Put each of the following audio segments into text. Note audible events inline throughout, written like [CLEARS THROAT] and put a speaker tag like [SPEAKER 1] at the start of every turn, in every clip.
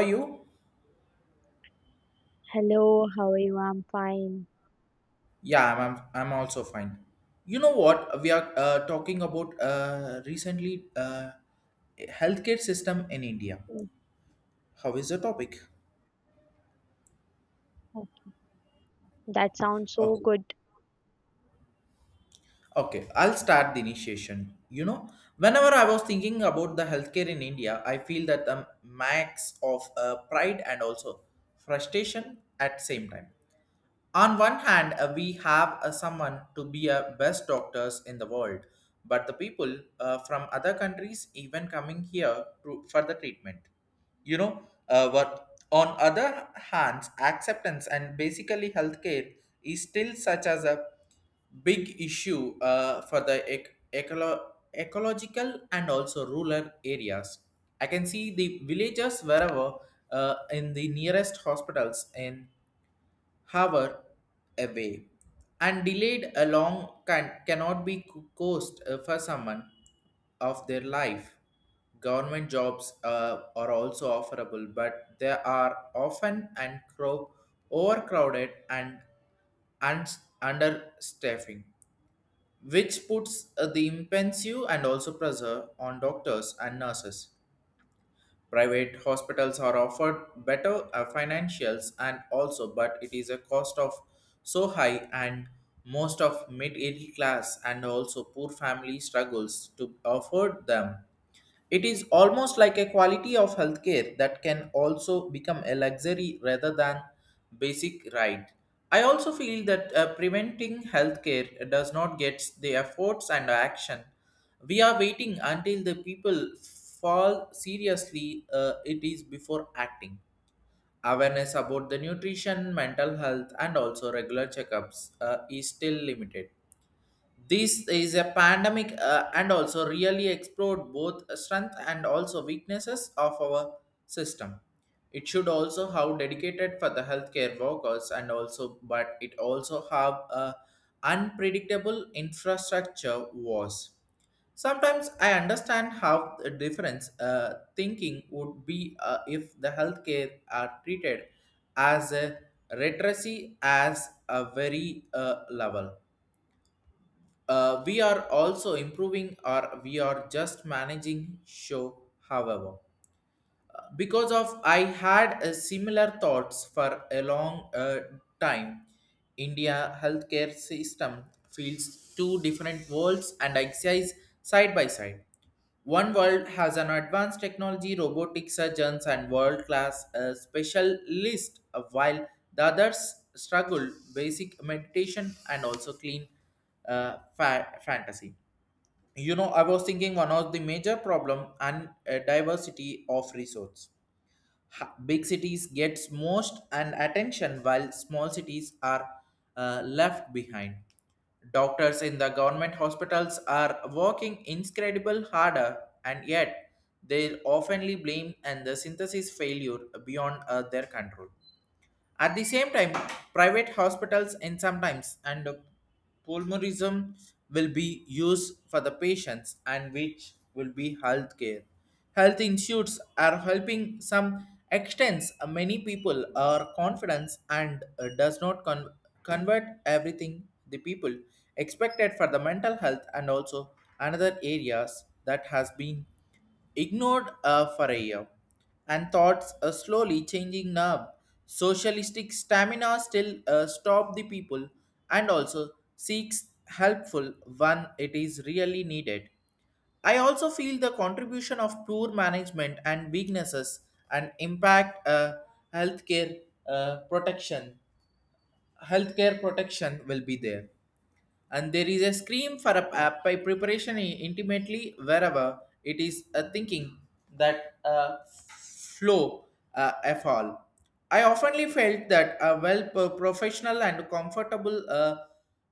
[SPEAKER 1] Are you?
[SPEAKER 2] Hello, how are you? I'm fine.
[SPEAKER 1] Yeah, I'm also fine. You know what? We are talking about recently, healthcare system in India.
[SPEAKER 2] Mm,
[SPEAKER 1] How is the topic?
[SPEAKER 2] oh, That sounds so
[SPEAKER 1] Okay.
[SPEAKER 2] good.
[SPEAKER 1] Okay, I'll start the initiation. You know, whenever I was thinking about the healthcare in India, I feel that the max of pride and also frustration at same time. On one hand, we have someone to be a best doctors in the world, but the people, from other countries even coming here for the treatment, you know what on other hands acceptance and basically healthcare is still such as a big issue for the ecological and also rural areas. I can see the villagers wherever in the nearest hospitals in hour away and delayed along cannot be cost for someone of their life. Government jobs are also offerable, but they are often and crow overcrowded and and understaffing, which puts the impensive and also pressure on doctors and nurses. Private hospitals are offered better financials and also, but it is a cost of so high, and most of middle class and also poor family struggles to afford them. It is almost like a quality of healthcare that can also become a luxury rather than basic right. I also feel that preventing healthcare does not get the efforts and action. We are waiting until the people fall seriously, it is before acting. Awareness about the nutrition, mental health, and also regular checkups is still limited. This is a pandemic, and also really explored both strength and also weaknesses of our system. It should also have dedicated for the healthcare workers and also, but it also have a unpredictable infrastructure was sometimes. I understand how the difference thinking would be, if the healthcare are treated as a literacy as a very level. We are also improving or we are just managing show. However, because of I had a similar thoughts for a long, time. India healthcare system feels two different worlds and exists side by side. One world has an advanced technology robotic surgeons and world class specialists, while the others struggle basic meditation and also clean fantasy. You know, I was thinking one of the major problem and diversity of resource. Big cities gets most and attention while small cities are left behind. Doctors in the government hospitals are working incredible harder, and yet they oftenly blame and the synthesis failure beyond their control. At the same time, private hospitals and sometimes and pulmonism will be used for the patients and which will be health care. Health insurance are helping some extents, many people are confidence and does not convert everything the people expected for the mental health and also another areas that has been ignored for a year, and thoughts are slowly changing nerve. Socialistic stamina still stop the people and also seeks helpful when it is really needed. I also feel the contribution of poor management and weaknesses and impact, healthcare protection. Healthcare protection will be there, and there is a scream for a by preparation intimately wherever it is a thinking that flow a fall. I oftenly felt that a well professional and comfortable,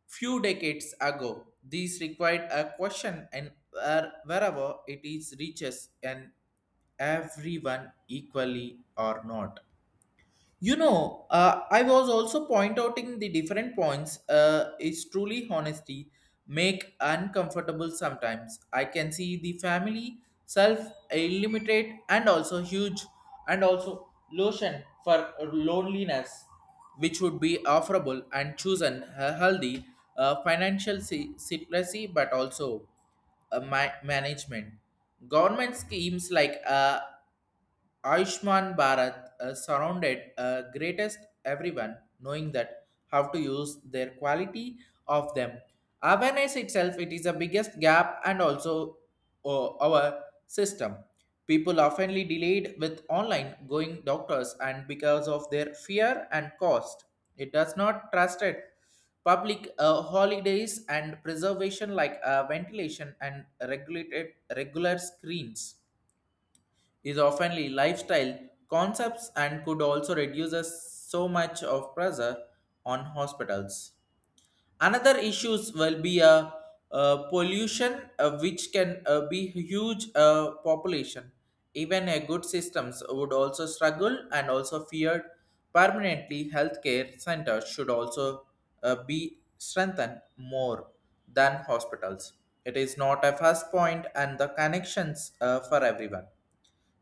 [SPEAKER 1] few decades ago. These required a question and wherever it is reaches and everyone equally or not. You know, I was also point outing the different points. Is truly honesty make uncomfortable sometimes. I can see the family self limited and also huge and also lotion for loneliness, which would be offerable and chosen a healthy financial secrecy, but also my management. Government schemes like Ayushman Bharat surrounded greatest everyone knowing that how to use their quality of them. Awareness itself, it is the biggest gap and also our system. People oftenly delayed with online going doctors and because of their fear and cost. It does not trust it. Public holidays and preservation like ventilation and regulated regular screens is often lifestyle concepts and could also reduce us so much of pressure on hospitals. Another issues will be a, pollution, which can be huge population. Even a good systems would also struggle and also feared permanently. Healthcare centers should also be strengthened more than hospitals. It is not a first point and the connections for everyone.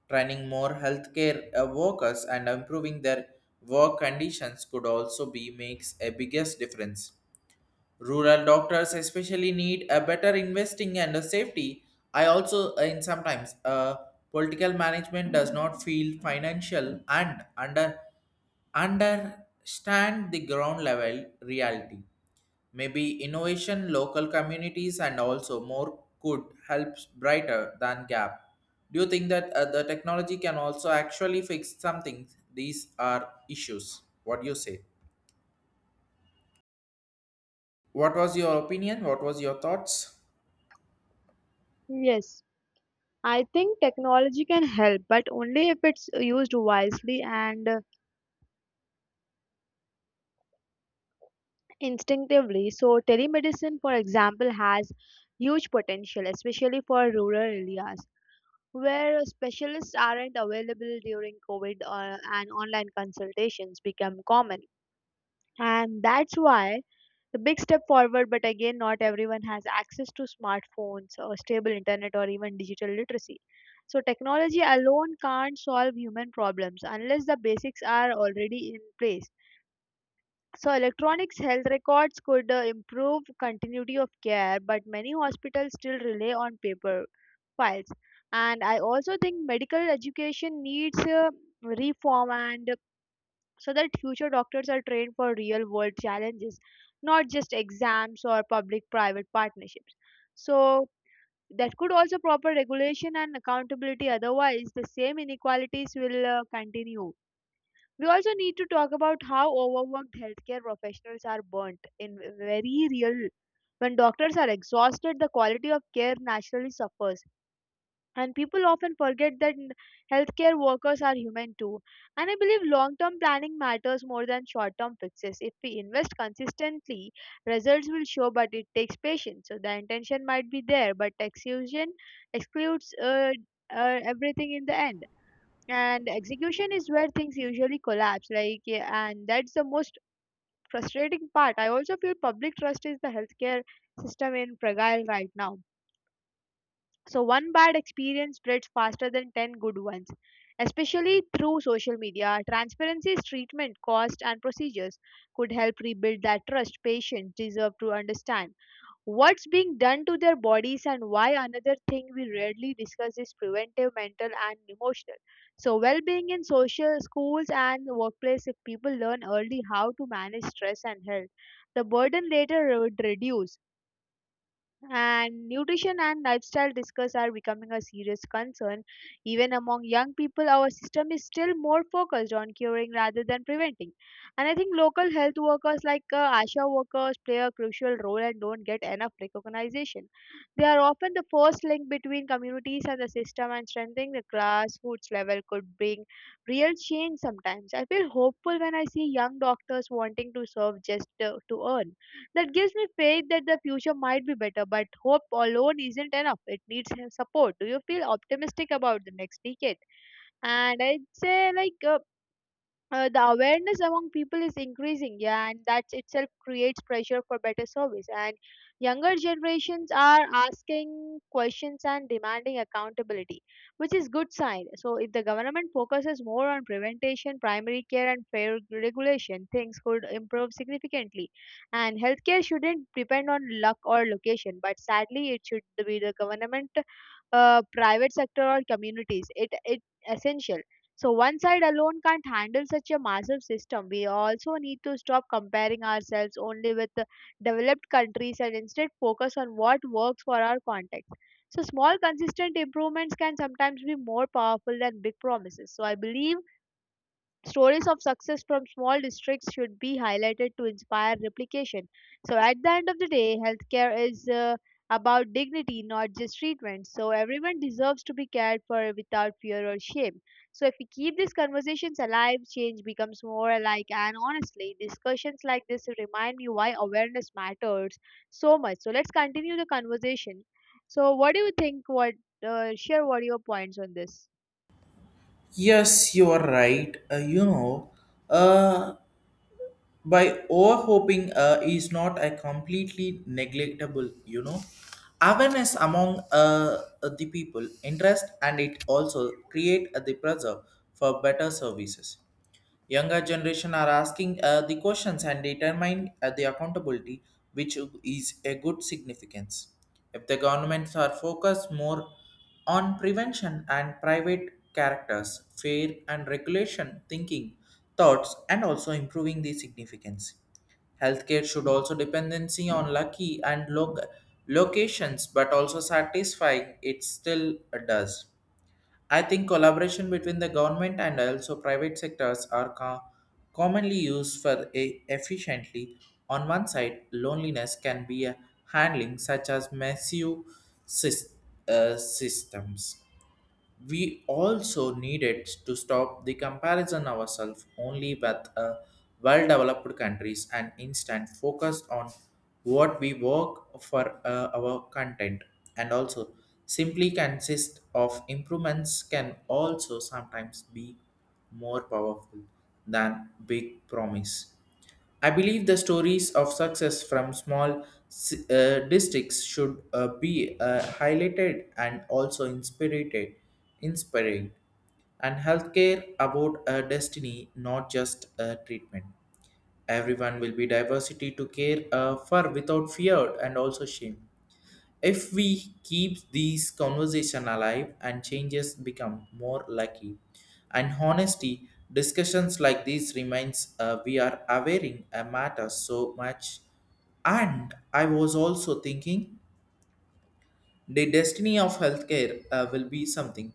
[SPEAKER 1] Training more healthcare workers and improving their work conditions could also be makes a biggest difference. Rural doctors especially need a better investing and a safety. I also, in sometimes, political management does not feel financial and understand the ground level reality. Maybe innovation, local communities, and also more could help brighter than gap. Do you think that the technology can also actually fix something? These are issues. What do you say? What was your opinion? What was your thoughts?
[SPEAKER 2] Yes, I think technology can help, but only if it's used wisely and instinctively. So, telemedicine, for example, has huge potential, especially for rural areas where specialists aren't available during COVID, and online consultations become common. And that's why the big step forward, but again, not everyone has access to smartphones or stable internet or even digital literacy. So technology alone can't solve human problems unless the basics are already in place. So electronics health records could improve continuity of care, but many hospitals still rely on paper files. And I also think medical education needs reform, and so that future doctors are trained for real world challenges, not just exams or public private partnerships. So, that could also proper regulation and accountability, otherwise, the same inequalities will continue. We also need to talk about how overworked healthcare professionals are burnt in very real. When doctors are exhausted, the quality of care naturally suffers. And people often forget that healthcare workers are human too. And I believe long term planning matters more than short term fixes. If we invest consistently, results will show, but it takes patience. So the intention might be there, but execution excludes everything in the end. And execution is where things usually collapse. Like, yeah, and that's the most frustrating part. I also feel public trust is the healthcare system in fragile right now, so one bad experience spreads faster than 10 good ones, especially through social media. Transparency's treatment, cost, and procedures could help rebuild that trust. Patients deserve to understand what's being done to their bodies and why. Another thing we rarely discuss is preventive mental and emotional, so well-being in social schools and workplace. If people learn early how to manage stress and health, the burden later would reduce. And nutrition and lifestyle discuss are becoming a serious concern. Even among young people, our system is still more focused on curing rather than preventing. And I think local health workers like ASHA workers play a crucial role and don't get enough recognition. They are often the first link between communities and the system, and strengthening the grassroots level could bring real change sometimes. I feel hopeful when I see young doctors wanting to serve just to earn. That gives me faith that the future might be better, but hope alone isn't enough. It needs support. Do you feel optimistic about the next decade? And I'd say, like, the awareness among people is increasing, yeah, and that itself creates pressure for better service. And younger generations are asking questions and demanding accountability, which is good sign. So, if the government focuses more on prevention, primary care, and fair regulation, things could improve significantly. And healthcare shouldn't depend on luck or location, but sadly, it should be the government, private sector, or communities. It essential, so one side alone can't handle such a massive system. We also need to stop comparing ourselves only with the developed countries and instead focus on what works for our context. So small consistent improvements can sometimes be more powerful than big promises. So I believe stories of success from small districts should be highlighted to inspire replication. So, at the end of the day, healthcare is about dignity, not just treatment. So, everyone deserves to be cared for without fear or shame. So, if we keep these conversations alive, change becomes more alike. And honestly, discussions like this remind me why awareness matters so much. So, let's continue the conversation. So, what do you think? What, share what are your points on this?
[SPEAKER 1] Yes, you are right. You know, uh, by overhoping is not a completely neglectable. You know, awareness among the people, interest, and it also create the pressure for better services. Younger generation are asking the questions and determine the accountability, which is a good significance. If the governments are focused more on prevention and private characters, fair and regulation thinking, thoughts, and also improving the significance. Healthcare should also dependency on lucky and locations, but also satisfying it still does. I think collaboration between the government and also private sectors are commonly used for a efficiently. On one side, loneliness can be a handling such as massive sys- systems. We also needed to stop the comparison ourselves only with well-developed countries and instant focus on what we work for our content, and also simply consist of improvements can also sometimes be more powerful than big promise. I believe the stories of success from small districts should be highlighted and also inspiring. And healthcare about a destiny, not just a treatment. Everyone will be diversity to care for without fear and also shame. If we keep these conversation alive and changes become more lucky and honesty, discussions like these remains, we are aware in a matter so much. And I was also thinking the destiny of healthcare will be something,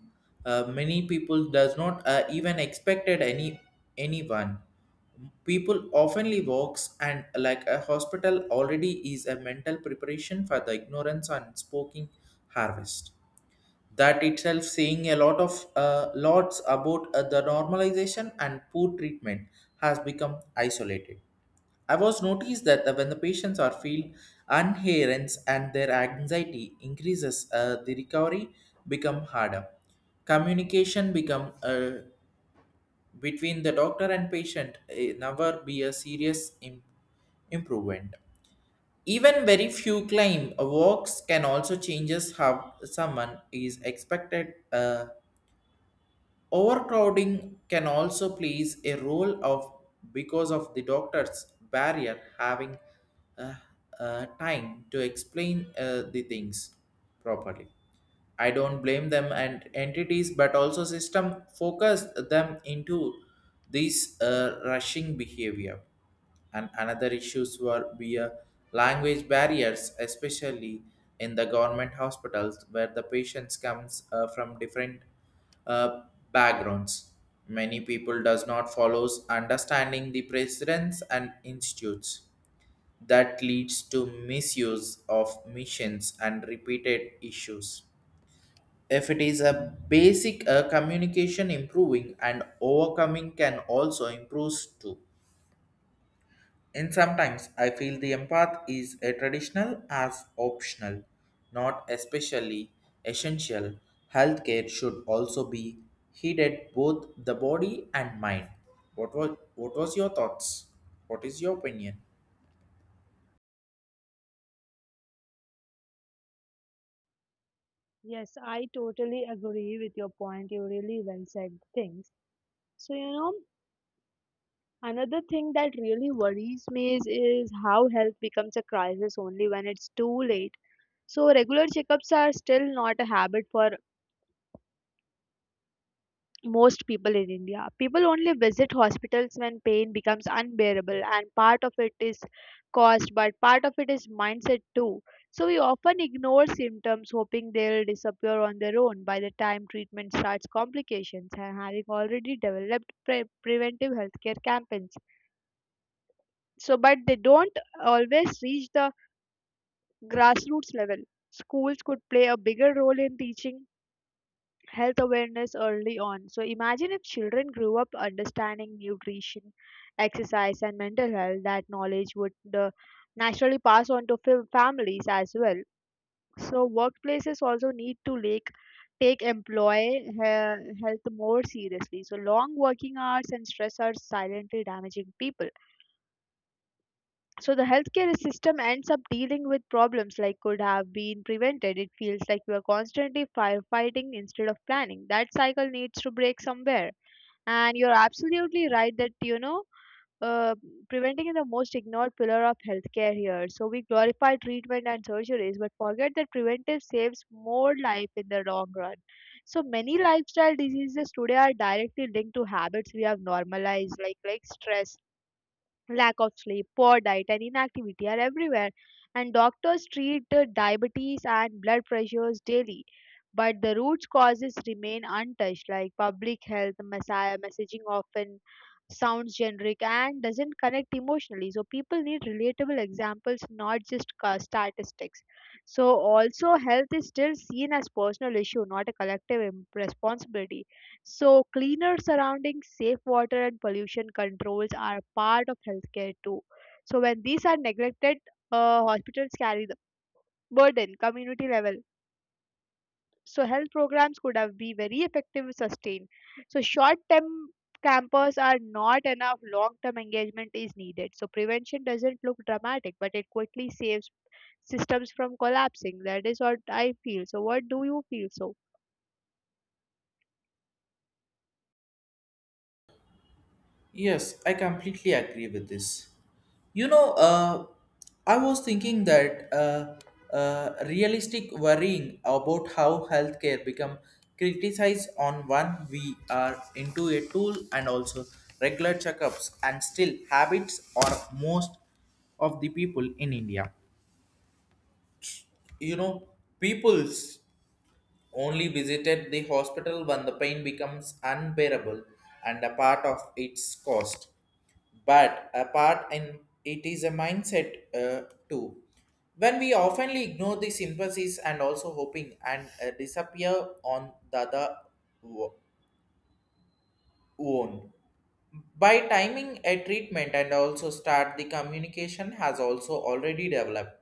[SPEAKER 1] many people does not even expected anyone. People oftenly walks and like a hospital already is a mental preparation for the ignorance and spoken harvest. That itself saying a lot of lots about the normalization and poor treatment has become isolated. I was noticed that when the patients are feel unherence and their anxiety increases, the recovery become harder. Communication become between the doctor and patient never be a serious improvement. Even very few claim walks can also changes how someone is expected, overcrowding can also plays a role of because of the doctor's barrier having uh, time to explain the things properly. I don't blame them and entities, but also system focus them into this, rushing behavior. And another issues were be, language barriers, especially in the government hospitals where the patients comes from different uh, backgrounds. Many people does not follows understanding the precedents and institutes. That leads to misuse of missions and repeated issues if it is a basic communication improving and overcoming can also improve too. And sometimes I feel the empath is a traditional as optional, not especially essential. Healthcare should also be heeded both the body and mind. What was your thoughts? What is your opinion?
[SPEAKER 2] Yes, I totally agree with your point. You really well said things. So, you know, another thing that really worries me is how health becomes a crisis only when it's too late. So, regular checkups are still not a habit for most people in India. People only visit hospitals when pain becomes unbearable, and part of it is cost, but part of it is mindset too. So we often ignore symptoms, hoping they'll disappear on their own. By the time treatment starts, complications and having already developed preventive healthcare campaigns. So, but they don't always reach the grassroots level. Schools could play a bigger role in teaching health awareness early on. So imagine if children grew up understanding nutrition, exercise, and mental health, that knowledge would naturally pass on to families as well. So workplaces also need to like take employee health more seriously. So long working hours and stress are silently damaging people, so the healthcare system ends up dealing with problems like could have been prevented. It feels like we are constantly firefighting instead of planning. That cycle needs to break somewhere. And you're absolutely right that, you know, uh, preventing is the most ignored pillar of healthcare here. So we glorify treatment and surgeries, but forget that preventive saves more life in the long run. So many lifestyle diseases today are directly linked to habits we have normalized, like stress, lack of sleep, poor diet, and inactivity are everywhere. And doctors treat the diabetes and blood pressures daily. But the root causes remain untouched, like public health messaging often sounds generic and doesn't connect emotionally. So people need relatable examples, not just statistics. So also, health is still seen as personal issue, not a collective responsibility. So, cleaner surroundings, safe water, and pollution controls are part of healthcare too. So, when these are neglected, hospitals carry the burden, community level. So, health programs could have been very effective, and sustained. So, short term campers are not enough, long term engagement is needed. So, prevention doesn't look dramatic, but it quickly saves systems from collapsing. That is what I feel. So, what do you feel so?
[SPEAKER 1] Yes, I completely agree with this. You know, I was thinking that realistic worrying about how healthcare become criticized on one we are into a tool, and also regular checkups and still habits or most of the people in India. You know, people's only visited the hospital when the pain becomes unbearable and a part of its cost. But apart in it is a mindset, too. When we oftenly ignore the sympathies and also hoping and disappear on the other wo- own by timing a treatment and also start the communication has also already developed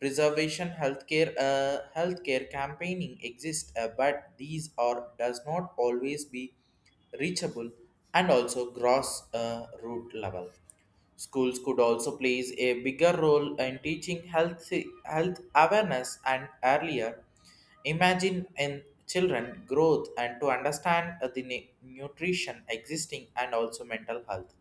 [SPEAKER 1] preservation healthcare, healthcare campaigning exists, but these are does not always be reachable and also gross root level. Schools could also play a bigger role in teaching health awareness and earlier. Imagine in children growth and to understand the nutrition existing and also mental health.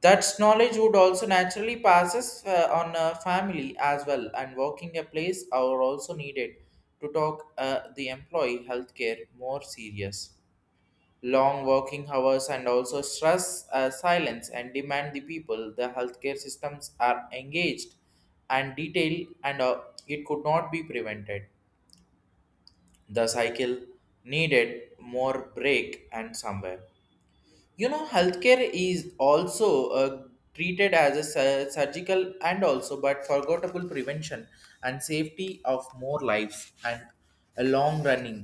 [SPEAKER 1] That knowledge would also naturally passes on a family as well, and working a place are also needed to talk the employee healthcare more serious. Long working hours and also stress silence and demand the people, the healthcare systems are engaged and detailed, and it could not be prevented the cycle, needed more break and somewhere. You know, healthcare is also treated as a surgical and also but forgettable prevention and safety of more lives and a long running.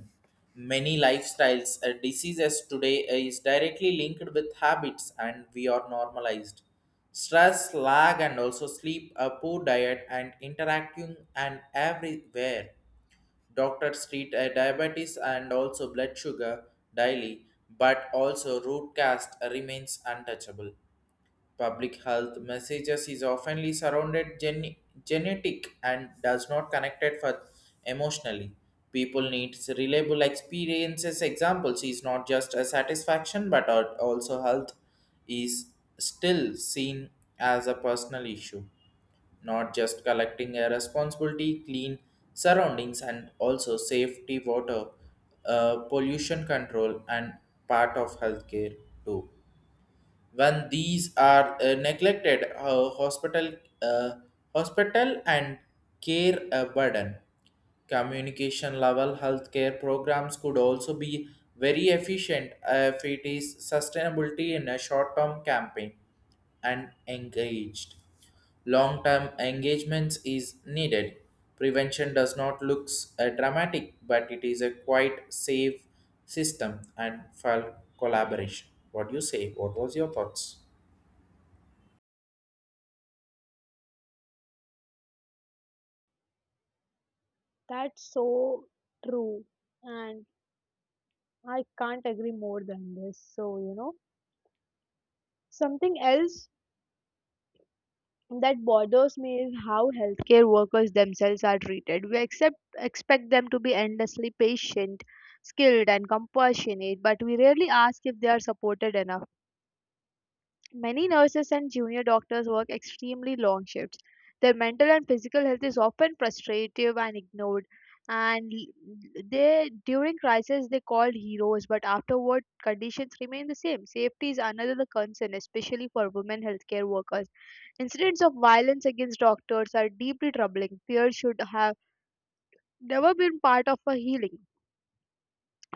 [SPEAKER 1] Many lifestyles diseases today is directly linked with habits, and we are normalized stress lag and also sleep, a poor diet and interacting and everywhere. Doctors treat a diabetes and also blood sugar daily, but also root cast remains untouchable. Public health messages is oftenly surrounded genetic and does not connected for emotionally. People needs reliable experiences. Examples is not just a satisfaction, but are also health is still seen as a personal issue, not just collecting a responsibility, clean surroundings, and also safety, water, pollution control, and part of healthcare too. When these are neglected, hospital, uh, hospital and care burden. Communication level healthcare programs could also be very efficient if it is sustainability in a short term campaign and engaged. Long term engagements is needed. Prevention does not look dramatic, but it is a quite safe system and for collaboration. What do you say? What was your thoughts?
[SPEAKER 2] That's so true. And I can't agree more than this. So, you know, something else that bothers me is how healthcare workers themselves are treated. We accept, expect them to be endlessly patient, skilled, and compassionate, but we rarely ask if they are supported enough. Many nurses and junior doctors work extremely long shifts. Their mental and physical health is often frustrative and ignored. And they during crisis they called heroes, but afterward conditions remain the same. Safety is another concern, especially for women healthcare workers. Incidents of violence against doctors are deeply troubling. Fear should have never been part of a healing.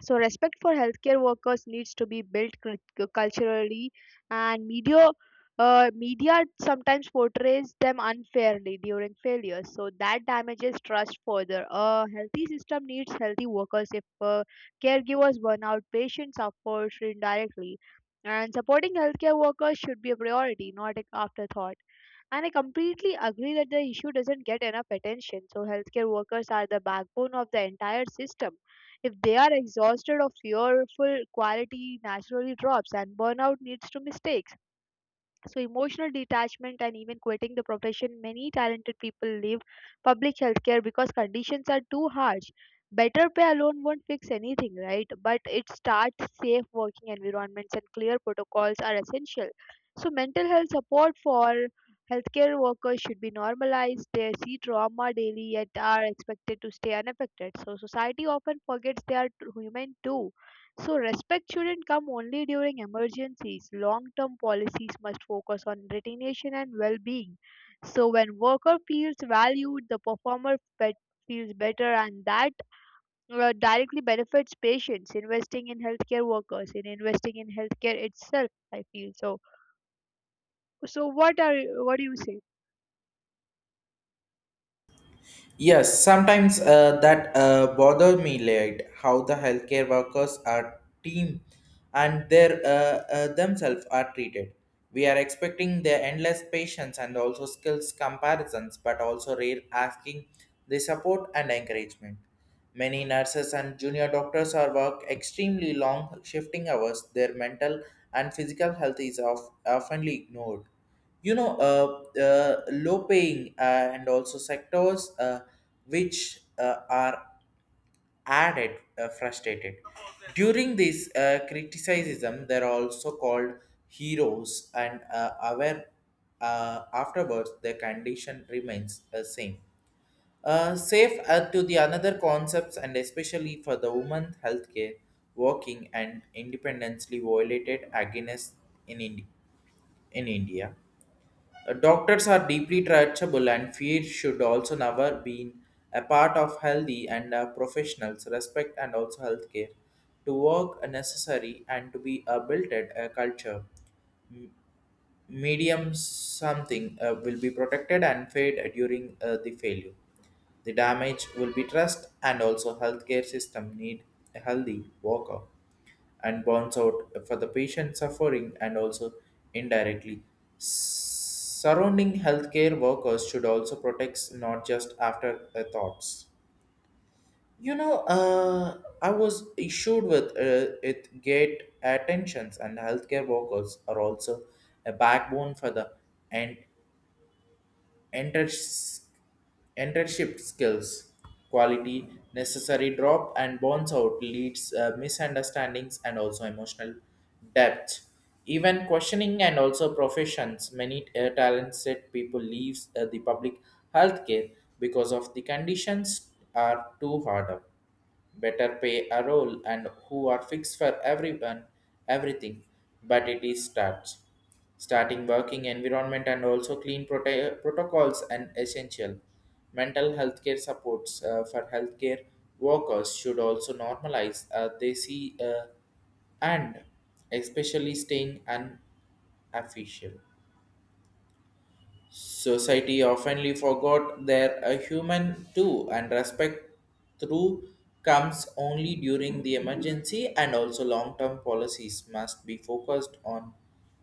[SPEAKER 2] So respect for healthcare workers needs to be built culturally, and media sometimes portrays them unfairly during failures, so that damages trust further. A healthy system needs healthy workers. If caregivers burn out, patients suffer indirectly, and supporting healthcare workers should be a priority, not an afterthought. And I completely agree that the issue doesn't get enough attention. So healthcare workers are the backbone of the entire system. If they are exhausted or fearful, quality naturally drops, and burnout leads to mistakes. So, emotional detachment and even quitting the profession, many talented people leave public healthcare because conditions are too harsh. Better pay alone won't fix anything, right? But it starts safe working environments and clear protocols are essential. So, mental health support for healthcare workers should be normalized. They see trauma daily yet are expected to stay unaffected. So, society often forgets they are human too. So respect shouldn't come only during emergencies. Long-term policies must focus on retention and well-being. So when worker feels valued, the performer feels better, and that directly benefits patients. Investing in healthcare workers, in investing in healthcare itself, I feel so. So what are, what do you say?
[SPEAKER 1] Yes, sometimes that bother me late how the healthcare workers are team and their themselves are treated. We are expecting their endless patience and also skills comparisons, but also rare asking the support and encouragement. Many nurses and junior doctors are work extremely long shifting hours. Their mental and physical health is oftenly ignored. You know, low paying and also sectors which are added frustrated. During this criticism, they're also called heroes, and aware afterwards, the condition remains the same. Safe to the another concepts, and especially for the woman healthcare working and independently violated against in, Ind- in India. Doctors are deeply touchable, and fear should also never be a part of healthy, and professionals respect and also healthcare to work necessary and to be built at a culture medium, something will be protected and fade during the failure. The damage will be trust, and also healthcare system need a healthy worker and burns out for the patient suffering and also indirectly. Surrounding healthcare workers should also protect, not just after the thoughts. You know, I was issued with it gate attentions, and healthcare workers are also a backbone for the and enters- internship skills, quality necessary drop and bounce out leads misunderstandings and also emotional depth, even questioning and also professions. Many talented people leaves the public healthcare because of the conditions are too hard up. Better pay a role and who are fixed for everyone, everything, but it is starts starting working environment and also clean protocols and essential. Mental health care supports for healthcare workers should also normalize, they see and especially staying unofficial. Society oftenly forgot they're a human too, and respect through comes only during the emergency, and also long-term policies must be focused on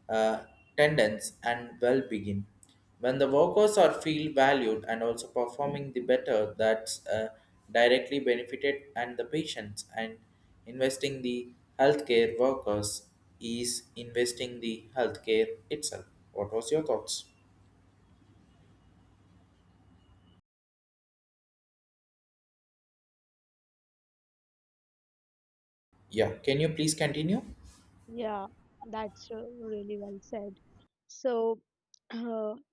[SPEAKER 1] uh, tendons and well-being. When the workers are feel valued and also performing the better, that's directly benefited and the patients, and investing the healthcare workers is investing the healthcare itself. What was your thoughts? Yeah, can you please continue?
[SPEAKER 2] Yeah, that's really well said. So, [CLEARS THROAT]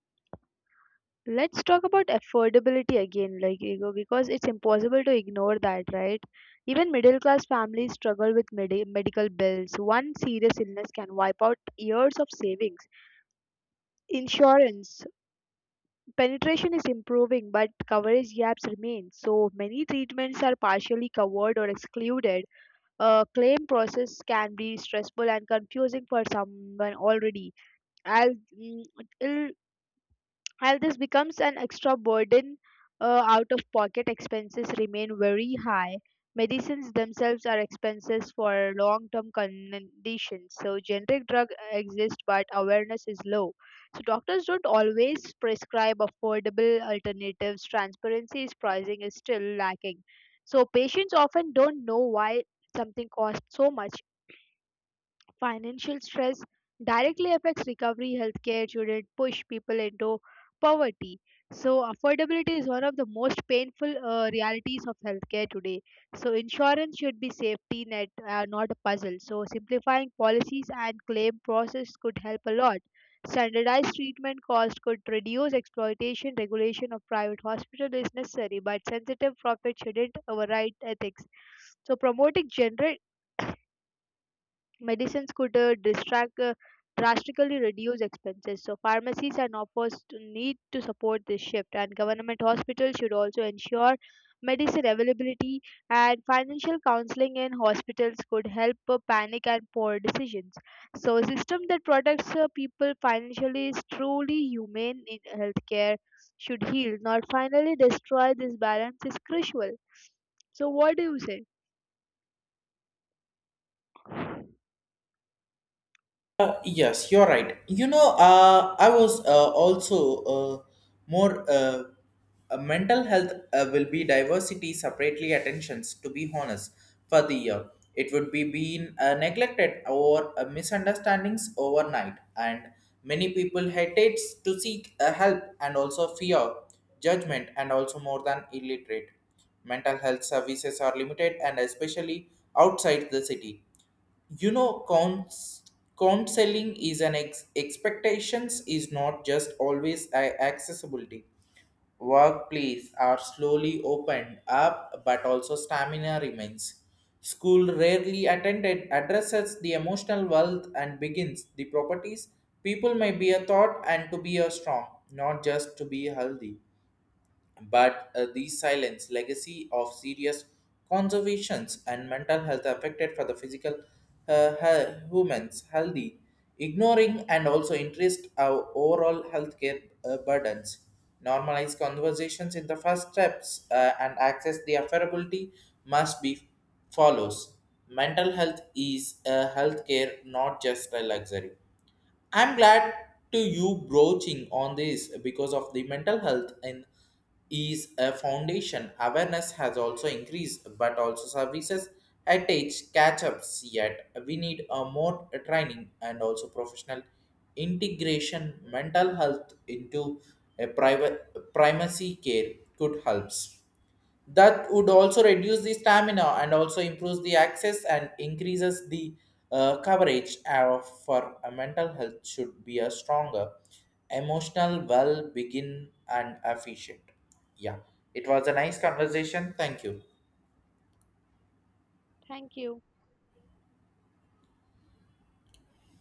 [SPEAKER 2] let's talk about affordability again, like ego, because it's impossible to ignore that, right? Even middle class families struggle with medical bills. One serious illness can wipe out years of savings. Insurance penetration is improving, but coverage gaps remain. So many treatments are partially covered or excluded. A claim process can be stressful and confusing for someone already. I'll, while this becomes an extra burden, out of pocket expenses remain very high. Medicines themselves are expenses for long term conditions, so generic drugs exist but awareness is low. So, doctors don't always prescribe affordable alternatives, transparency is pricing is still lacking. So, patients often don't know why something costs so much. Financial stress directly affects recovery. Healthcare shouldn't push people into poverty. So affordability is one of the most painful realities of healthcare today. So insurance should be safety net, not a puzzle. So simplifying policies and claim process could help a lot. Standardized treatment cost could reduce exploitation. Regulation of private hospital is necessary, but sensitive profit shouldn't override ethics. So promoting general medicines could distract, drastically reduce expenses. So pharmacies and offers to need to support this shift, and government hospitals should also ensure medicine availability and financial counseling in hospitals could help panic and poor decisions. So a system that protects people financially is truly humane in healthcare should heal, not finally destroy this balance is crucial. So what do you say?
[SPEAKER 1] Yes, you're right. You know, I was also more mental health will be diversity separately attentions. To be honest, for the year, it would be being neglected or misunderstandings overnight, and many people hesitates to seek help and also fear judgment and also more than illiterate. Mental health services are limited, and especially outside the city, you know, counts counseling is an expectations, is not just always accessibility. Workplace are slowly opened up, but also stamina remains. School rarely attended addresses the emotional wealth and begins the properties. People may be a thought and to be a strong, not just to be healthy, but these silence legacy of serious conservations, and mental health affected for the physical humans healthy, ignoring and also interest our overall healthcare burdens. Normalize conversations in the first steps, and access the affordability must be follows. Mental health is a healthcare, not just a luxury. I'm glad to you broaching on this, because of the mental health and is a foundation. Awareness has also increased, but also services at age catch-ups yet. We need a more training and also professional integration, mental health into a private primacy care could helps. That would also reduce the stamina and also improves the access and increases the coverage of for a mental health, should be a stronger emotional well begin and efficient. Yeah, it was a nice conversation. Thank you.
[SPEAKER 2] Thank you.